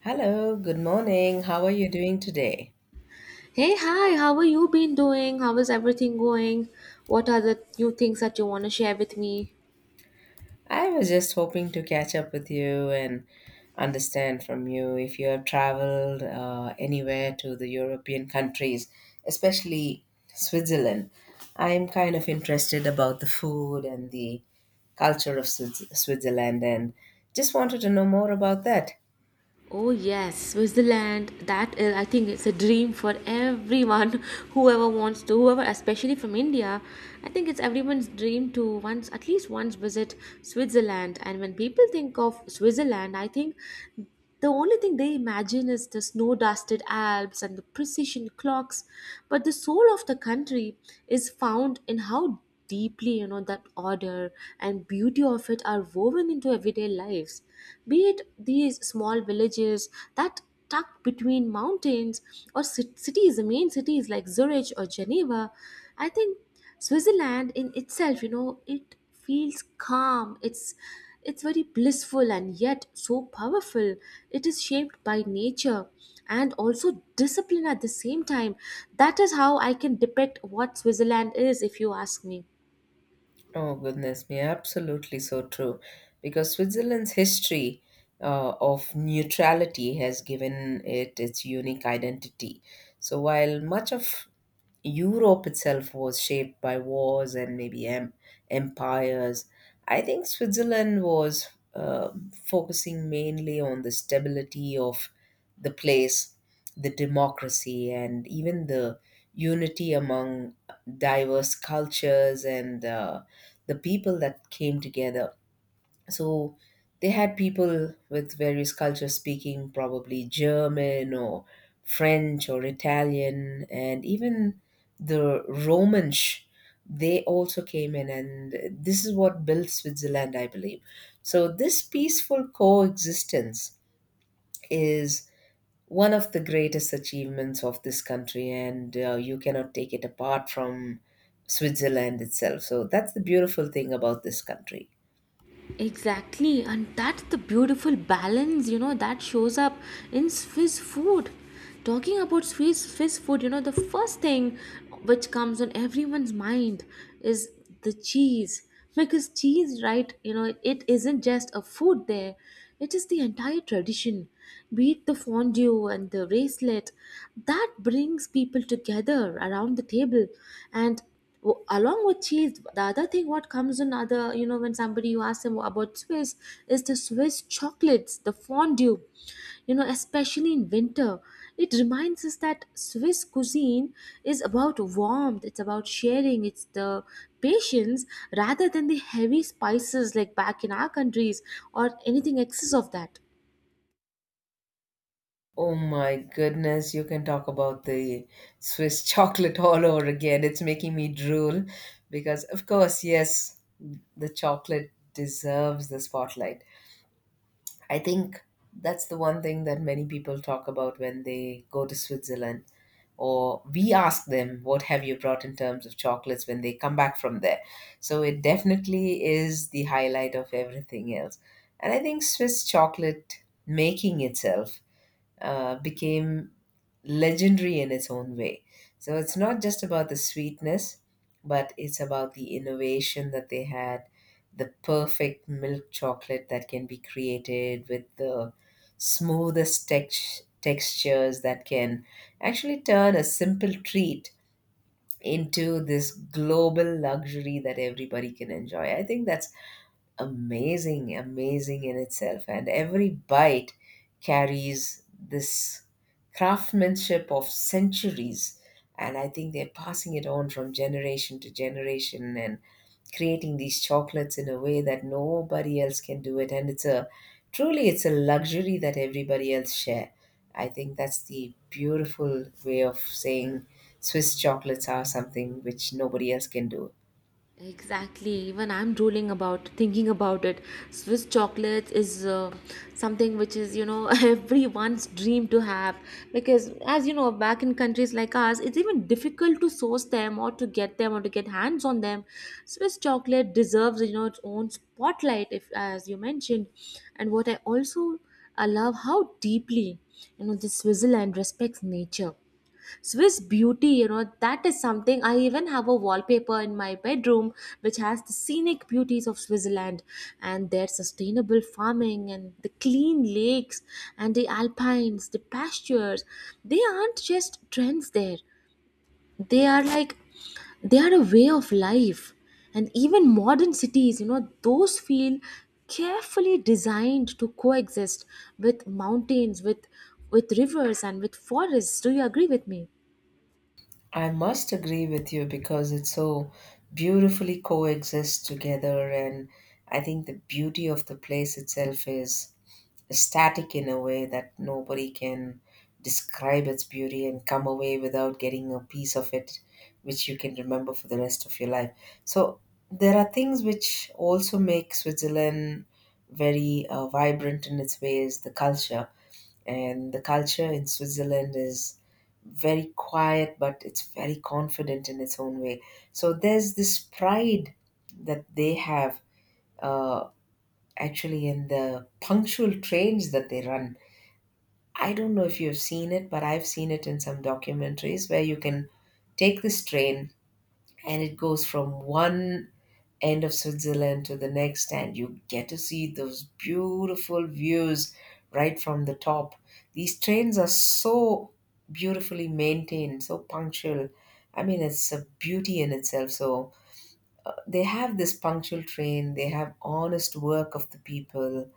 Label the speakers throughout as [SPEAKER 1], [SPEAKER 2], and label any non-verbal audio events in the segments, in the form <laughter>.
[SPEAKER 1] Hello, good morning. How are you doing today?
[SPEAKER 2] Hey, hi, how are you been doing? How is everything going? What are the new things that you want to share with me?
[SPEAKER 1] I was just hoping to catch up with you and understand from you if you have traveled anywhere to the European countries, especially Switzerland. I'm kind of interested about the food and the culture of Switzerland and just wanted to know more about that.
[SPEAKER 2] Oh, yes, Switzerland. That is, I think it's a dream for everyone, <laughs> whoever wants to, whoever, especially from India. I think it's everyone's dream to once, at least once, visit Switzerland. And when people think of Switzerland, I think the only thing they imagine is the snow dusted Alps and the precision clocks, but the soul of the country is found in how deeply you know that order and beauty of it are woven into everyday lives, be it these small villages that tucked between mountains, or cities, the main cities like Zurich or Geneva. I think Switzerland in itself, you know, it feels calm, it's very blissful and yet so powerful. It is shaped by nature and also discipline at the same time. That is how I can depict what Switzerland is, if you ask me.
[SPEAKER 1] Oh, goodness me, absolutely so true. Because Switzerland's history of neutrality has given it its unique identity. So, while much of Europe itself was shaped by wars and maybe empires, I think Switzerland was focusing mainly on the stability of the place, the democracy, and even the unity among diverse cultures and the people that came together. So they had people with various cultures speaking probably German or French or Italian and even the Romanish. They also came in, and this is what built Switzerland, I believe. So, this peaceful coexistence is one of the greatest achievements of this country, and you cannot take it apart from Switzerland itself. So, that's the beautiful thing about this country.
[SPEAKER 2] Exactly, and that's the beautiful balance, you know, that shows up in Swiss food. Talking about Swiss food, you know, the first thing which comes on everyone's mind is the cheese. Because cheese, right, you know, it isn't just a food there, it is the entire tradition. Be it the fondue and the bracelet, that brings people together around the table. And along with cheese, the other thing what comes in, other, you know, when somebody you ask them about Swiss, is the Swiss chocolates, the fondue, you know, especially in winter. It reminds us that Swiss cuisine is about warmth, it's about sharing, it's the patience, rather than the heavy spices like back in our countries or anything excess of that.
[SPEAKER 1] Oh my goodness, you can talk about the Swiss chocolate <laughs> all over again. It's making me drool because, of course, yes, the chocolate deserves the spotlight. I think that's the one thing that many people talk about when they go to Switzerland. Or we ask them, what have you brought in terms of chocolates when they come back from there? So it definitely is the highlight of everything else. And I think Swiss chocolate making itself became legendary in its own way. So it's not just about the sweetness, but it's about the innovation that they had, the perfect milk chocolate that can be created with the smoothest textures that can actually turn a simple treat into this global luxury that everybody can enjoy. I think that's amazing, amazing in itself. And every bite carries this craftsmanship of centuries. And I think they're passing it on from generation to generation and creating these chocolates in a way that nobody else can do it. And it's a truly it's a luxury that everybody else share. I think that's the beautiful way of saying Swiss chocolates are something which nobody else can do.
[SPEAKER 2] Exactly. Even I'm drooling about thinking about it. Swiss chocolates is something which is, you know, <laughs> everyone's dream to have because, as you know, back in countries like ours, it's even difficult to source them or to get them or to get hands on them. Swiss chocolate deserves, you know, its own spotlight, if as you mentioned. And what I also, I love how deeply, you know, this Switzerland respects nature. Swiss beauty, you know, that is something. I even have a wallpaper in my bedroom which has the scenic beauties of Switzerland and their sustainable farming and the clean lakes and the alpines, the pastures. They aren't just trends there, they are like, they are a way of life. And even modern cities, you know, those feel carefully designed to coexist with mountains, with rivers and with forests. Do you agree with me?
[SPEAKER 1] I must agree with you because it so beautifully coexists together, and I think the beauty of the place itself is static in a way that nobody can describe its beauty and come away without getting a piece of it which you can remember for the rest of your life. So there are things which also make Switzerland very vibrant in its ways, the culture and the culture in Switzerland is very quiet, but it's very confident in its own way. So there's this pride that they have uh, actually in the punctual trains that they run. I don't know if you've seen it, but I've seen it in some documentaries where you can take this train and it goes from one end of Switzerland to the next, and you get to see those beautiful views right from the top. These trains are so beautifully maintained, so punctual. I mean, it's a beauty in itself. So they have this punctual train, they have honest work of the people,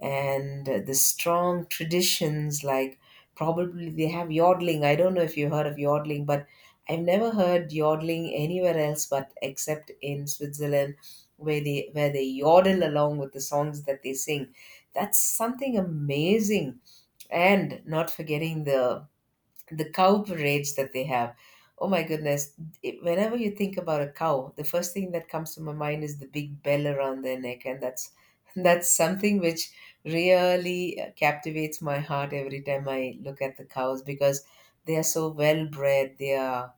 [SPEAKER 1] and the strong traditions like probably they have yodeling. I don't know if you heard of yodeling, but I've never heard yodeling anywhere else but except in Switzerland, where they yodel along with the songs that they sing. That's something amazing. And not forgetting the cow parades that they have. Oh my goodness. Whenever you think about a cow, the first thing that comes to my mind is the big bell around their neck. And that's, <laughs> that's something which really captivates my heart every time I look at the cows because they are so well bred. They are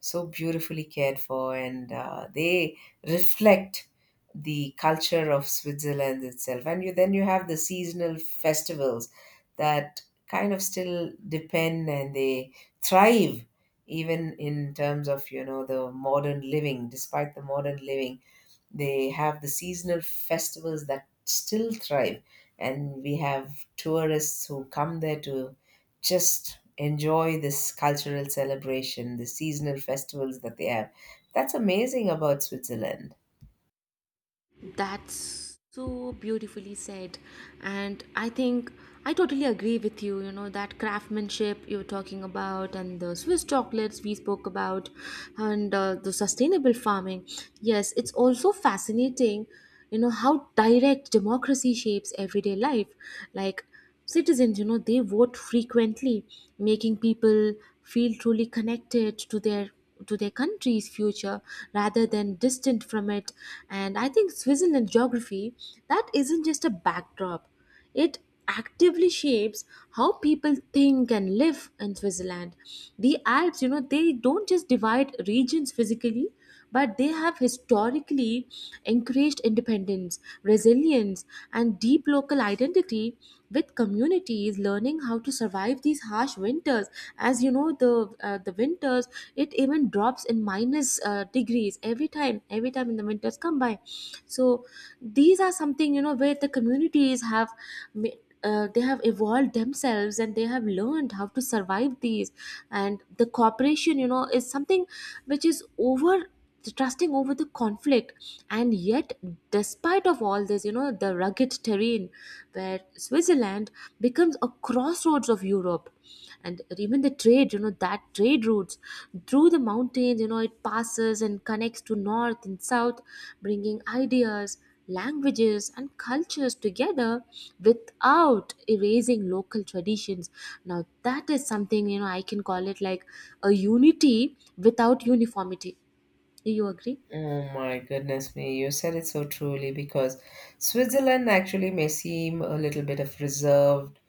[SPEAKER 1] so beautifully cared for, and they reflect the culture of Switzerland itself. And you, then you have the seasonal festivals that kind of still depend and they thrive even in terms of, you know, the modern living. Despite the modern living, they have the seasonal festivals that still thrive, and we have tourists who come there to just enjoy this cultural celebration, the seasonal festivals that they have. That's amazing about Switzerland.
[SPEAKER 2] That's so beautifully said. And I think I totally agree with you. You know, that craftsmanship you are talking about, and the Swiss chocolates we spoke about, and the sustainable farming. Yes, it's also fascinating, you know, how direct democracy shapes everyday life. Like, citizens, you know, they vote frequently, making people feel truly connected to their country's future rather than distant from it. And I think Switzerland geography, that isn't just a backdrop, it actively shapes how people think and live in Switzerland. The Alps, you know, they don't just divide regions physically, but they have historically encouraged independence, resilience, and deep local identity, with communities learning how to survive these harsh winters. As you know, the winters, it even drops in minus degrees every time. Every time in the winters come by, so these are something, you know, where the communities have. ma- they have evolved themselves and they have learned how to survive these. And the cooperation, you know, is something which is over trusting over the conflict. And yet, despite of all this, you know, the rugged terrain, where Switzerland becomes a crossroads of Europe. And even the trade, you know, that trade routes through the mountains, you know, it passes and connects to north and south, bringing ideas, languages and cultures together without erasing local traditions. Now that is something, you know, I can call it like a unity without uniformity. Do you agree?
[SPEAKER 1] Oh my goodness me, you said it so truly because Switzerland actually may seem a little bit of reserved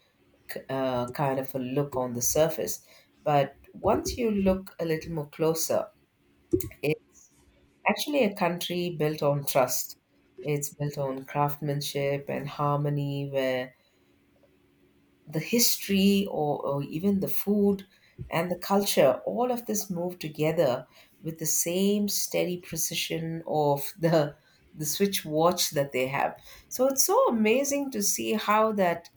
[SPEAKER 1] kind of a look on the surface. But once you look a little more closer, it's actually a country built on trust. It's built on craftsmanship and harmony, where the history or even the food and the culture, all of this move together with the same steady precision of the switch watch that they have. So it's so amazing to see how that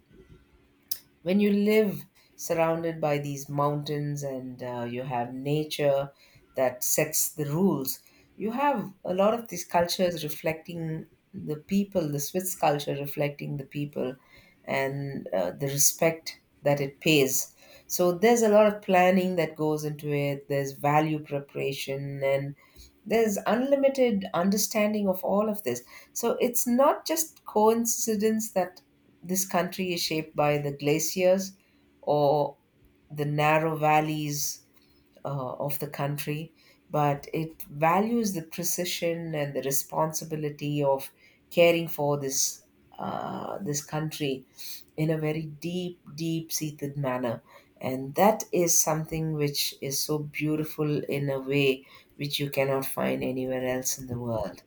[SPEAKER 1] when you live surrounded by these mountains and you have nature that sets the rules, you have a lot of these cultures reflecting the people, the Swiss culture reflecting the people and the respect that it pays. So there's a lot of planning that goes into it, there's value preparation, and there's unlimited understanding of all of this. So it's not just coincidence that this country is shaped by the glaciers or the narrow valleys of the country, but it values the precision and the responsibility of caring for this this country in a very deep, deep seated manner. And that is something which is so beautiful in a way which you cannot find anywhere else in the world.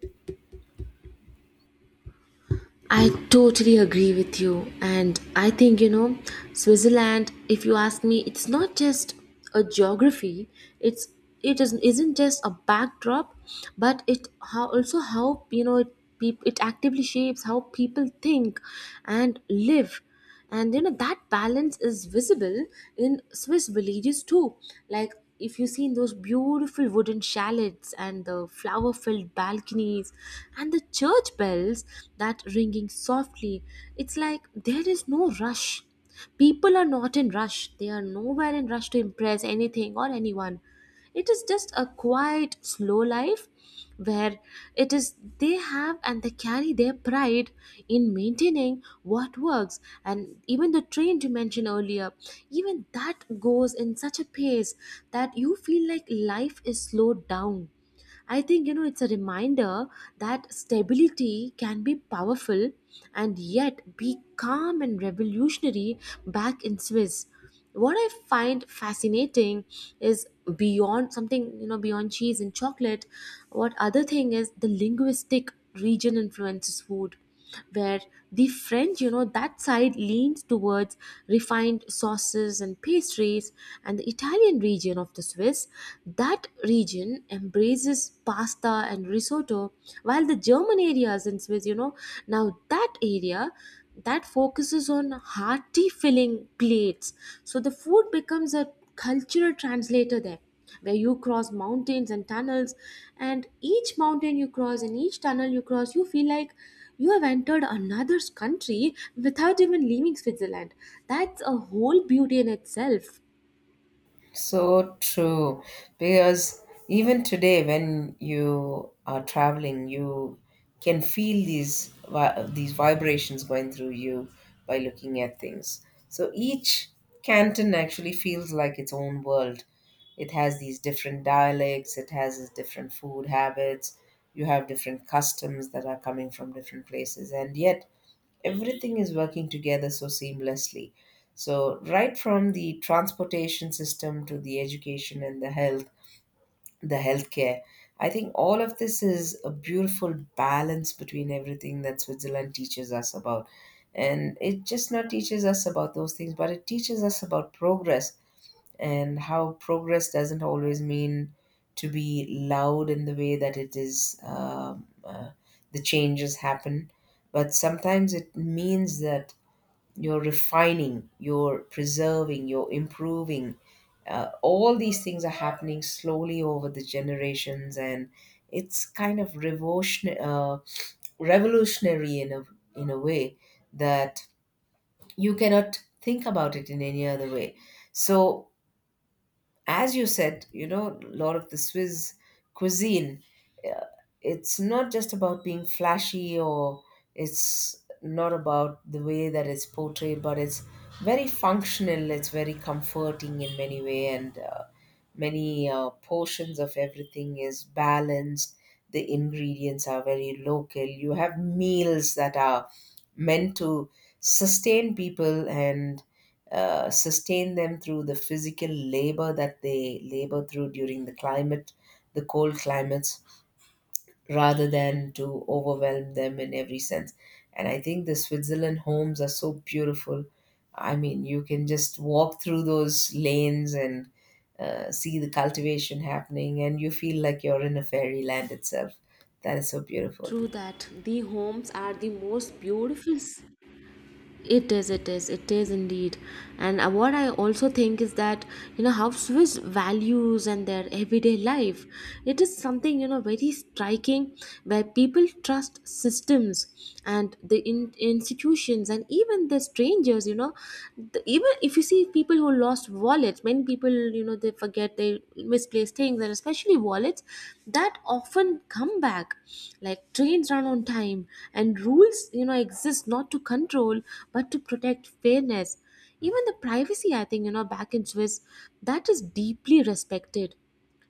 [SPEAKER 2] I totally agree with you. And I think, you know, Switzerland, if you ask me, it's not just a geography, it's it is, isn't just a backdrop, but it how also how you know it, it actively shapes how people think and live. And you know that balance is visible in Swiss villages too. Like, if you see in those beautiful wooden chalets and the flower filled balconies and the church bells that ringing softly, it's like there is no rush. People are not in rush, they are nowhere in rush to impress anything or anyone. It is just a quiet slow life where it is, they have and they carry their pride in maintaining what works. And even the trend you mentioned earlier, even that goes in such a pace that you feel like life is slowed down. I think, you know, it's a reminder that stability can be powerful and yet be calm and revolutionary back in Swiss. What I find fascinating is beyond something, you know, beyond cheese and chocolate. What other thing is the linguistic region influences food, where the French, you know, that side leans towards refined sauces and pastries, and the Italian region of the Swiss, that region embraces pasta and risotto, while the German areas in Swiss, you know, now that area, that focuses on hearty filling plates. So the food becomes a cultural translator there, where you cross mountains and tunnels, and each mountain you cross and each tunnel you cross you feel like you have entered another country without even leaving Switzerland. That's a whole beauty in itself.
[SPEAKER 1] So true. Because even today, when you are traveling, you can feel these these vibrations going through you by looking at things. So each canton actually feels like its own world. It has these different dialects. It has its different food habits. You have different customs that are coming from different places, and yet everything is working together so seamlessly. So, right from the transportation system to the education and the health, the healthcare, I think all of this is a beautiful balance between everything that Switzerland teaches us about. And it just not teaches us about those things, but it teaches us about progress and how progress doesn't always mean to be loud in the way that it is, the changes happen. But sometimes it means that you're refining, you're preserving, you're improving. All these things are happening slowly over the generations, and it's kind of revolutionary in a way that you cannot think about it in any other way. So, as you said, you know, a lot of the Swiss cuisine, it's not just about being flashy or it's not about the way that it's portrayed, but it's very functional, it's very comforting in many way, and many portions of everything is balanced. The ingredients are very local. You have meals that are meant to sustain people and sustain them through the physical labor that they labor through during the climate, the cold climates, rather than to overwhelm them in every sense. And I think the Switzerland homes are so beautiful. I mean, you can just walk through those lanes and see the cultivation happening, and you feel like you're in a fairyland itself. That is so beautiful.
[SPEAKER 2] True that the homes are the most beautiful. It is, it is, it is indeed. And what I also think is that, you know, how Swiss values and their everyday life. It is something, you know, very striking, where people trust systems and the institutions and even the strangers, you know. The, even if you see people who lost wallets, many people, you know, they forget, they misplace things, and especially wallets that often come back. Like trains run on time, and rules, you know, exist not to control but to protect fairness. Even the privacy, I think, you know, back in Swiss, that is deeply respected.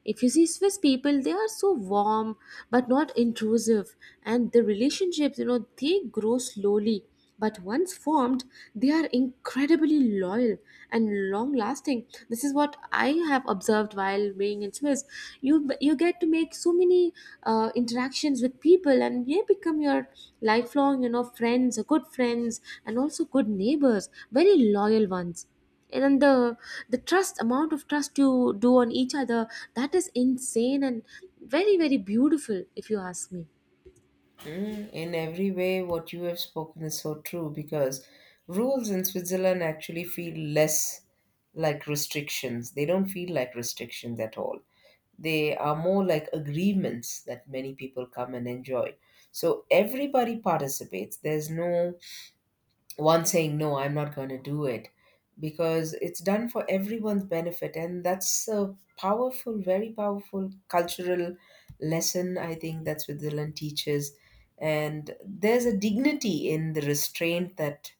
[SPEAKER 2] If you see Swiss people, they are so warm but not intrusive, and the relationships, you know, they grow slowly. But once formed, they are incredibly loyal and long lasting. This is what I have observed while being in Swiss. You get to make so many interactions with people, and they become your lifelong, you know, friends, good friends, and also good neighbors, very loyal ones. And then the trust, amount of trust you do on each other, that is insane and very very beautiful, if you ask me.
[SPEAKER 1] Mm, in every way, what you have spoken is so true because rules in Switzerland actually feel less like restrictions. They don't feel like restrictions at all. They are more like agreements that many people come and enjoy. So everybody participates. There's no one saying, no, I'm not going to do it, because it's done for everyone's benefit. And that's a powerful, very powerful cultural lesson, I think, that Switzerland teaches. And there's a dignity in the restraint that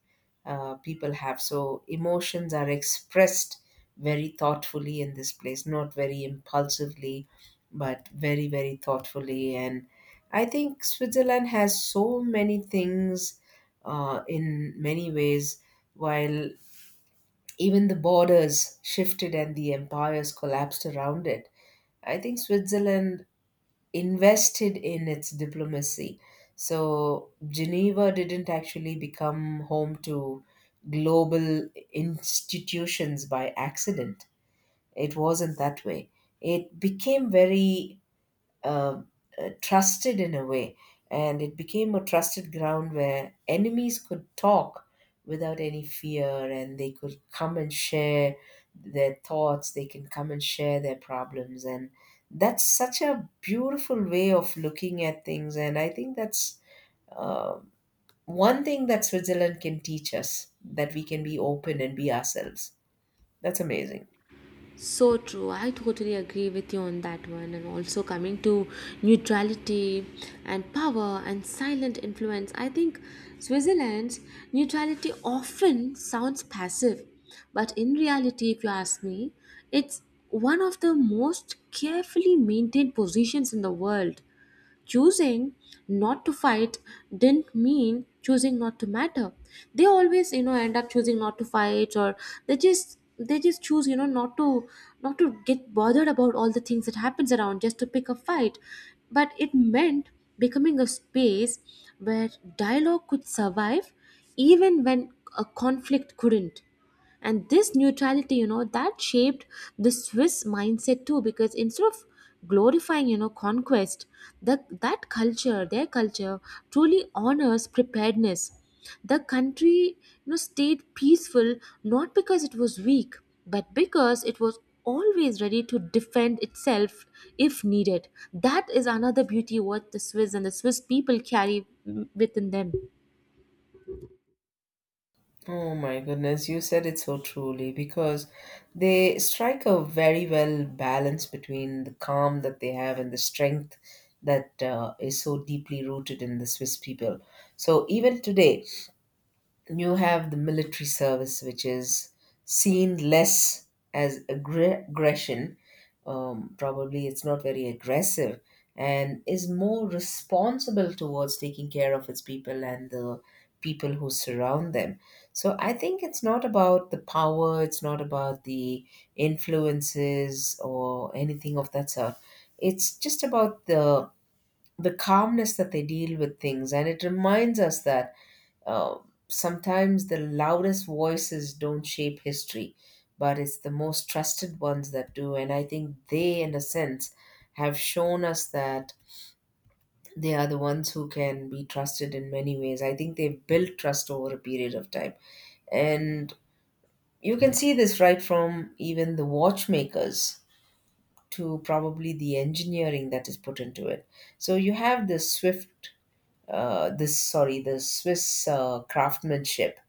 [SPEAKER 1] people have. So emotions are expressed very thoughtfully in this place, not very impulsively, but very very thoughtfully. And I think Switzerland has so many things in many ways, while even the borders shifted and the empires collapsed around it. I think Switzerland invested in its diplomacy. So Geneva didn't actually become home to global institutions by accident. It wasn't that way. It became very uh, trusted in a way, and it became a trusted ground where enemies could talk without any fear, and they could come and share their thoughts. They can come and share their problems, and that's such a beautiful way of looking at things. And I think that's one thing that Switzerland can teach us, that we can be open and be ourselves. That's amazing.
[SPEAKER 2] So true, I totally agree with you on that one. And also coming to neutrality and power and silent influence, I think Switzerland's neutrality often sounds passive, but in reality, if you ask me, it's one of the most carefully maintained positions in the world. Choosing not to fight didn't mean choosing not to matter. They always, you know, end up choosing not to fight, or they just, they just choose, you know, not to not to get bothered about all the things that happens around just to pick a fight. But it meant becoming a space where dialogue could survive even when a conflict couldn't. And this neutrality, you know, that shaped the Swiss mindset too, because instead of glorifying, you know, conquest, the, that culture, their culture truly honors preparedness. The country, you know, stayed peaceful not because it was weak, but because it was always ready to defend itself if needed. That is another beauty what the Swiss and the Swiss people carry within them.
[SPEAKER 1] Oh my goodness, you said it so truly because they strike a very well balance between the calm that they have and the strength that is so deeply rooted in the Swiss people. So even today, you have the military service, which is seen less as aggression. Probably it's not very aggressive and is more responsible towards taking care of its people and the people who surround them. So I think it's not about the power, it's not about the influences or anything of that sort. It's just about the calmness that they deal with things, and it reminds us that uh, sometimes the loudest voices don't shape history, but it's the most trusted ones that do. And I think they, in a sense, have shown us that they are the ones who can be trusted in many ways. I think they've built trust over a period of time. And you can see this right from even the watchmakers to probably the engineering that is put into it. So you have this the Swiss craftsmanship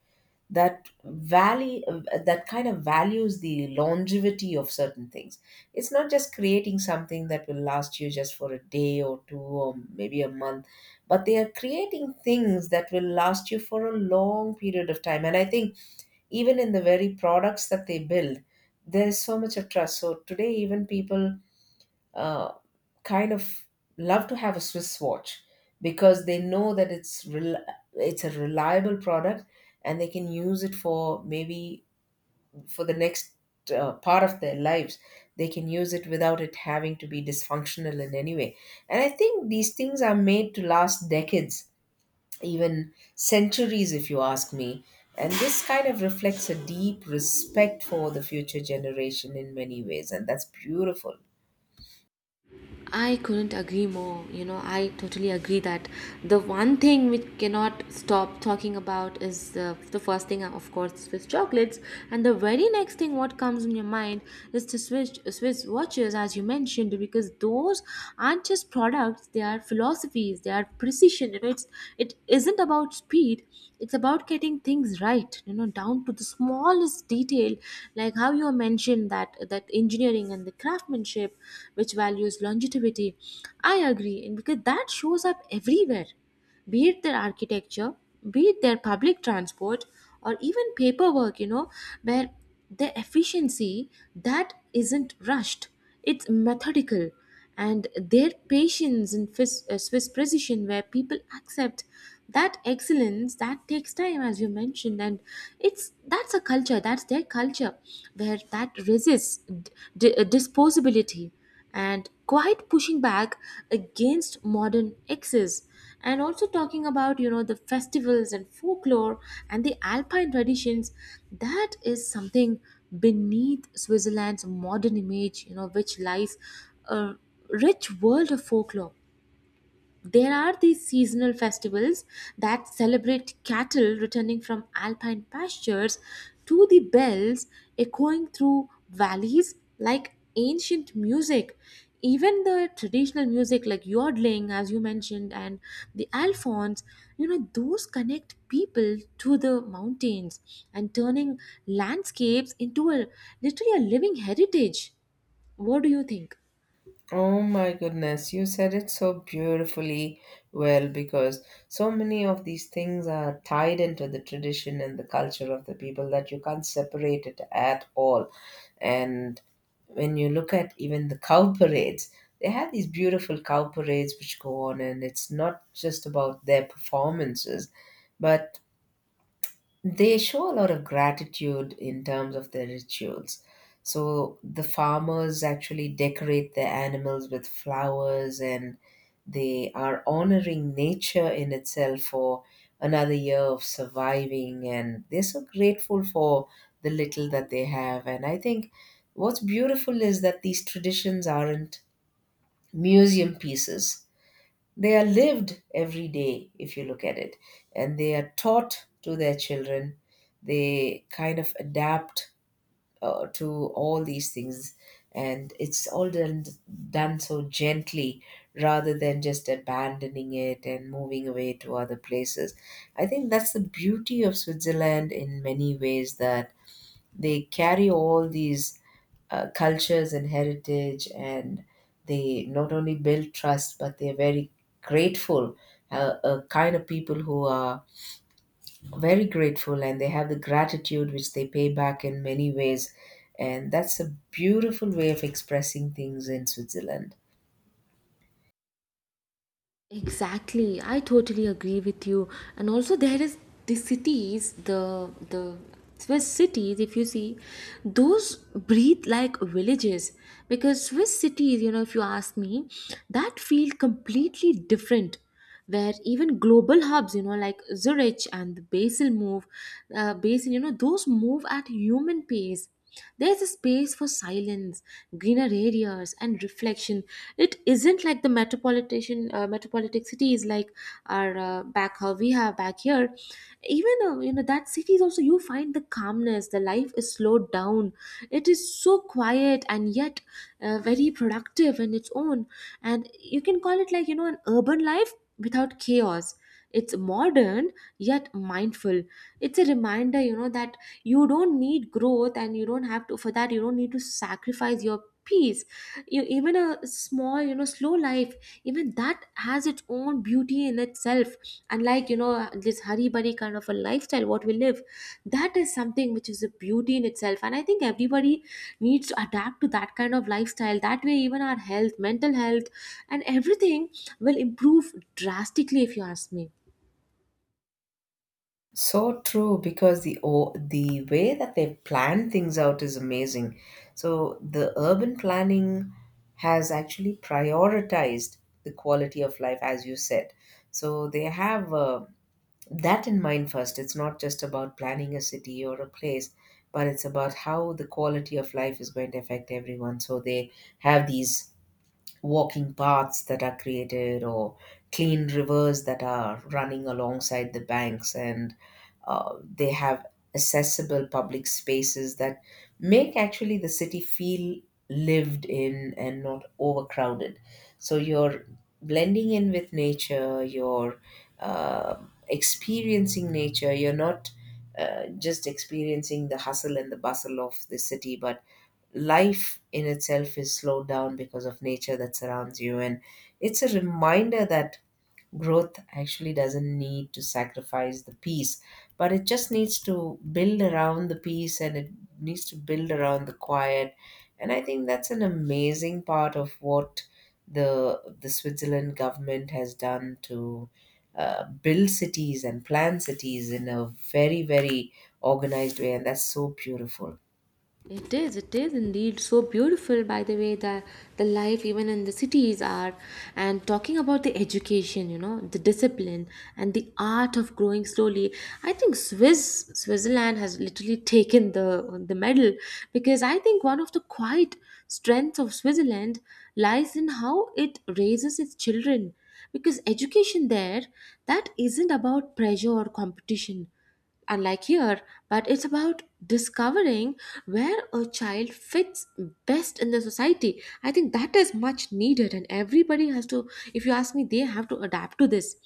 [SPEAKER 1] that value, that kind of values the longevity of certain things. It's not just creating something that will last you just for a day or two or maybe a month, but they are creating things that will last you for a long period of time. And I think even in the very products that they build, there is so much of trust. So today even people kind of love to have a Swiss watch because they know that it's a reliable product, and they can use it for maybe for the next part of their lives. They can use it without it having to be dysfunctional in any way. And I think these things are made to last decades, even centuries if you ask me. And this kind of reflects a deep respect for the future generation in many ways, and that's beautiful.
[SPEAKER 2] I couldn't agree more. You know, I totally agree that the one thing we cannot stop talking about is the first thing, of course, Swiss chocolates, and the very next thing what comes in your mind is the Swiss watches, as you mentioned, because those aren't just products; they are philosophies, they are precision. You know, it's it isn't about speed; it's about getting things right. You know, down to the smallest detail, like how you mentioned that engineering and the craftsmanship which values longevity. I agree, and because that shows up everywhere, be it their architecture, be it their public transport, or even paperwork, you know, where the efficiency that isn't rushed, it's methodical, and their patience and Swiss precision, where people accept that excellence that takes time, as you mentioned. And it's that's a culture, that's their culture, where that resists disposability and quite pushing back against modern excess. And also talking about, you know, the festivals and folklore and the alpine traditions, that is something. Beneath Switzerland's modern image, you know, which lies a rich world of folklore, there are these seasonal festivals that celebrate cattle returning from alpine pastures to the bells echoing through valleys like ancient music. Even the traditional music like yodeling, as you mentioned, and the alphons, you know, those connect people to the mountains, and turning landscapes into a, literally a living heritage. What do you think?
[SPEAKER 1] Oh my goodness, you said it so beautifully well because so many of these things are tied into the tradition and the culture of the people that you can't separate it at all. And when you look at even the cow parades, they have these beautiful cow parades which go on, and it's not just about their performances, but they show a lot of gratitude in terms of their rituals. So the farmers actually decorate their animals with flowers, and they are honoring nature in itself for another year of surviving, and they're so grateful for the little that they have. And I think what's beautiful is that these traditions aren't museum pieces. They are lived every day, if you look at it, and they are taught to their children. They kind of adapt to all these things, and it's all done, done so gently, rather than just abandoning it and moving away to other places. I think that's the beauty of Switzerland in many ways, that they carry all these cultures and heritage, and they not only build trust but they're very grateful, a kind of people who are very grateful, and they have the gratitude which they pay back in many ways. And that's a beautiful way of expressing things in Switzerland.
[SPEAKER 2] Exactly, I totally agree with you. And also, there is the cities, the Swiss cities. If you see, those breathe like villages, because Swiss cities, you know, if you ask me, that feel completely different, where even global hubs, you know, like Zurich and the basel move Basel, you know, those move at human pace. There's a space for silence, greener areas and reflection. It isn't like the metropolitan metropolitan cities like our back, how we have back here. Even you know, that cities also, you find the calmness, the life is slowed down, it is so quiet, and yet very productive in its own. And you can call it like, you know, an urban life without chaos. It's modern yet mindful. It's a reminder, you know, that you don't need growth, and you don't have to, for that you don't need to sacrifice your peace. You even a small, you know, slow life, even that has its own beauty in itself, unlike, you know, this hurry burry kind of a lifestyle what we live. That is something which is a beauty in itself, and I think everybody needs to adapt to that kind of lifestyle. That way, even our health, mental health, and everything will improve drastically, if you ask me.
[SPEAKER 1] So true, because the way that they plan things out is amazing. So the urban planning has actually prioritized the quality of life, as you said. So they have that in mind first. It's not just about planning a city or a place, but it's about how the quality of life is going to affect everyone. So they have these walking paths that are created, or clean rivers that are running alongside the banks, and they have accessible public spaces that make actually the city feel lived in and not overcrowded. So you're blending in with nature, you're uh, experiencing nature, you're not just experiencing the hustle and the bustle of the city, but life in itself is slowed down because of nature that surrounds you. And it's a reminder that growth actually doesn't need to sacrifice the peace, but it just needs to build around the peace, and it needs to build around the quiet. And I think that's an amazing part of what the Switzerland government has done, to build cities and plan cities in a very, very organized way. And that's so beautiful.
[SPEAKER 2] It is, it is indeed so beautiful. By the way, that the life even in the cities are, and talking about the education, you know, the discipline and the art of growing slowly, I think swiss Switzerland has literally taken the medal, because I think one of the quiet strengths of Switzerland lies in how it raises its children. Because education there, that isn't about pressure or competition, unlike here, but it's about discovering where a child fits best in the society. I think that is much needed, and everybody has to, if you ask me, they have to adapt to this.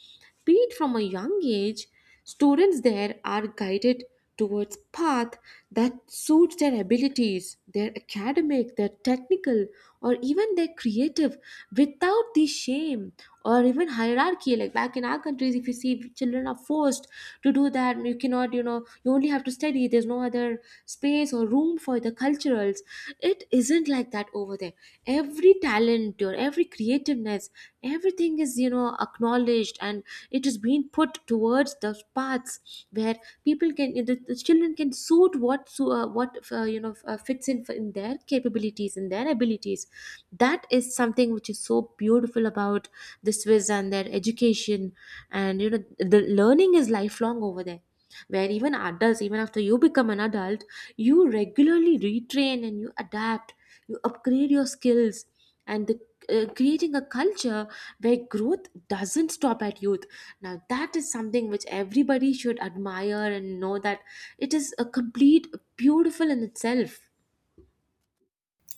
[SPEAKER 2] Be it from a young age, students there are guided towards path that suits their abilities, their academic, their technical, or even their creative, without the shame or even hierarchy. Like back in our countries, if you see, children are forced to do that. You cannot, you know, you only have to study, there's no other space or room for the culturals. It isn't like that over there. Every talent or every creativeness, everything is, you know, acknowledged, and it is being put towards the paths where people can, the children can suit what fits in for in their capabilities and their abilities. That is something which is so beautiful about the Swiss and their education. And you know, the learning is lifelong over there, where even adults, even after you become an adult, you regularly retrain and you adapt, you upgrade your skills, and the creating a culture where growth doesn't stop at youth. Now that is something which everybody should admire and know that it is a complete beautiful in itself.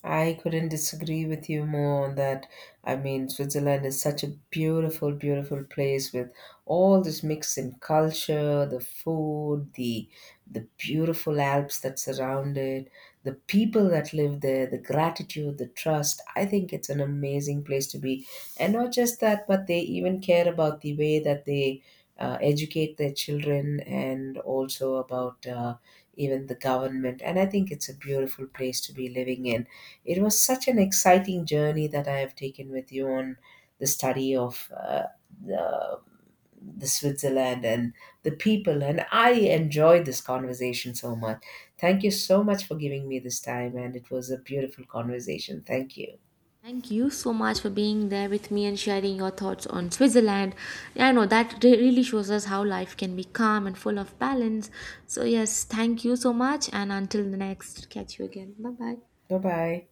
[SPEAKER 1] I couldn't disagree with you more on that. I mean, Switzerland is such a beautiful, beautiful place with all this mix in culture, the food, the beautiful Alps that surround it, the people that live there, the gratitude, the trust. I think it's an amazing place to be, and not just that, but they even care about the way that they educate their children, and also about even the government. And I think it's a beautiful place to be living in. It was such an exciting journey that I have taken with you on the study of the, the Switzerland and the people. And I enjoyed this conversation so much. Thank you so much for giving me this time, and it was a beautiful conversation. Thank you.
[SPEAKER 2] Thank you so much for being there with me and sharing your thoughts on Switzerland. Yeah, I know that really shows us how life can be calm and full of balance. So, yes, thank you so much. And until the next, catch you again. Bye bye.
[SPEAKER 1] Bye bye.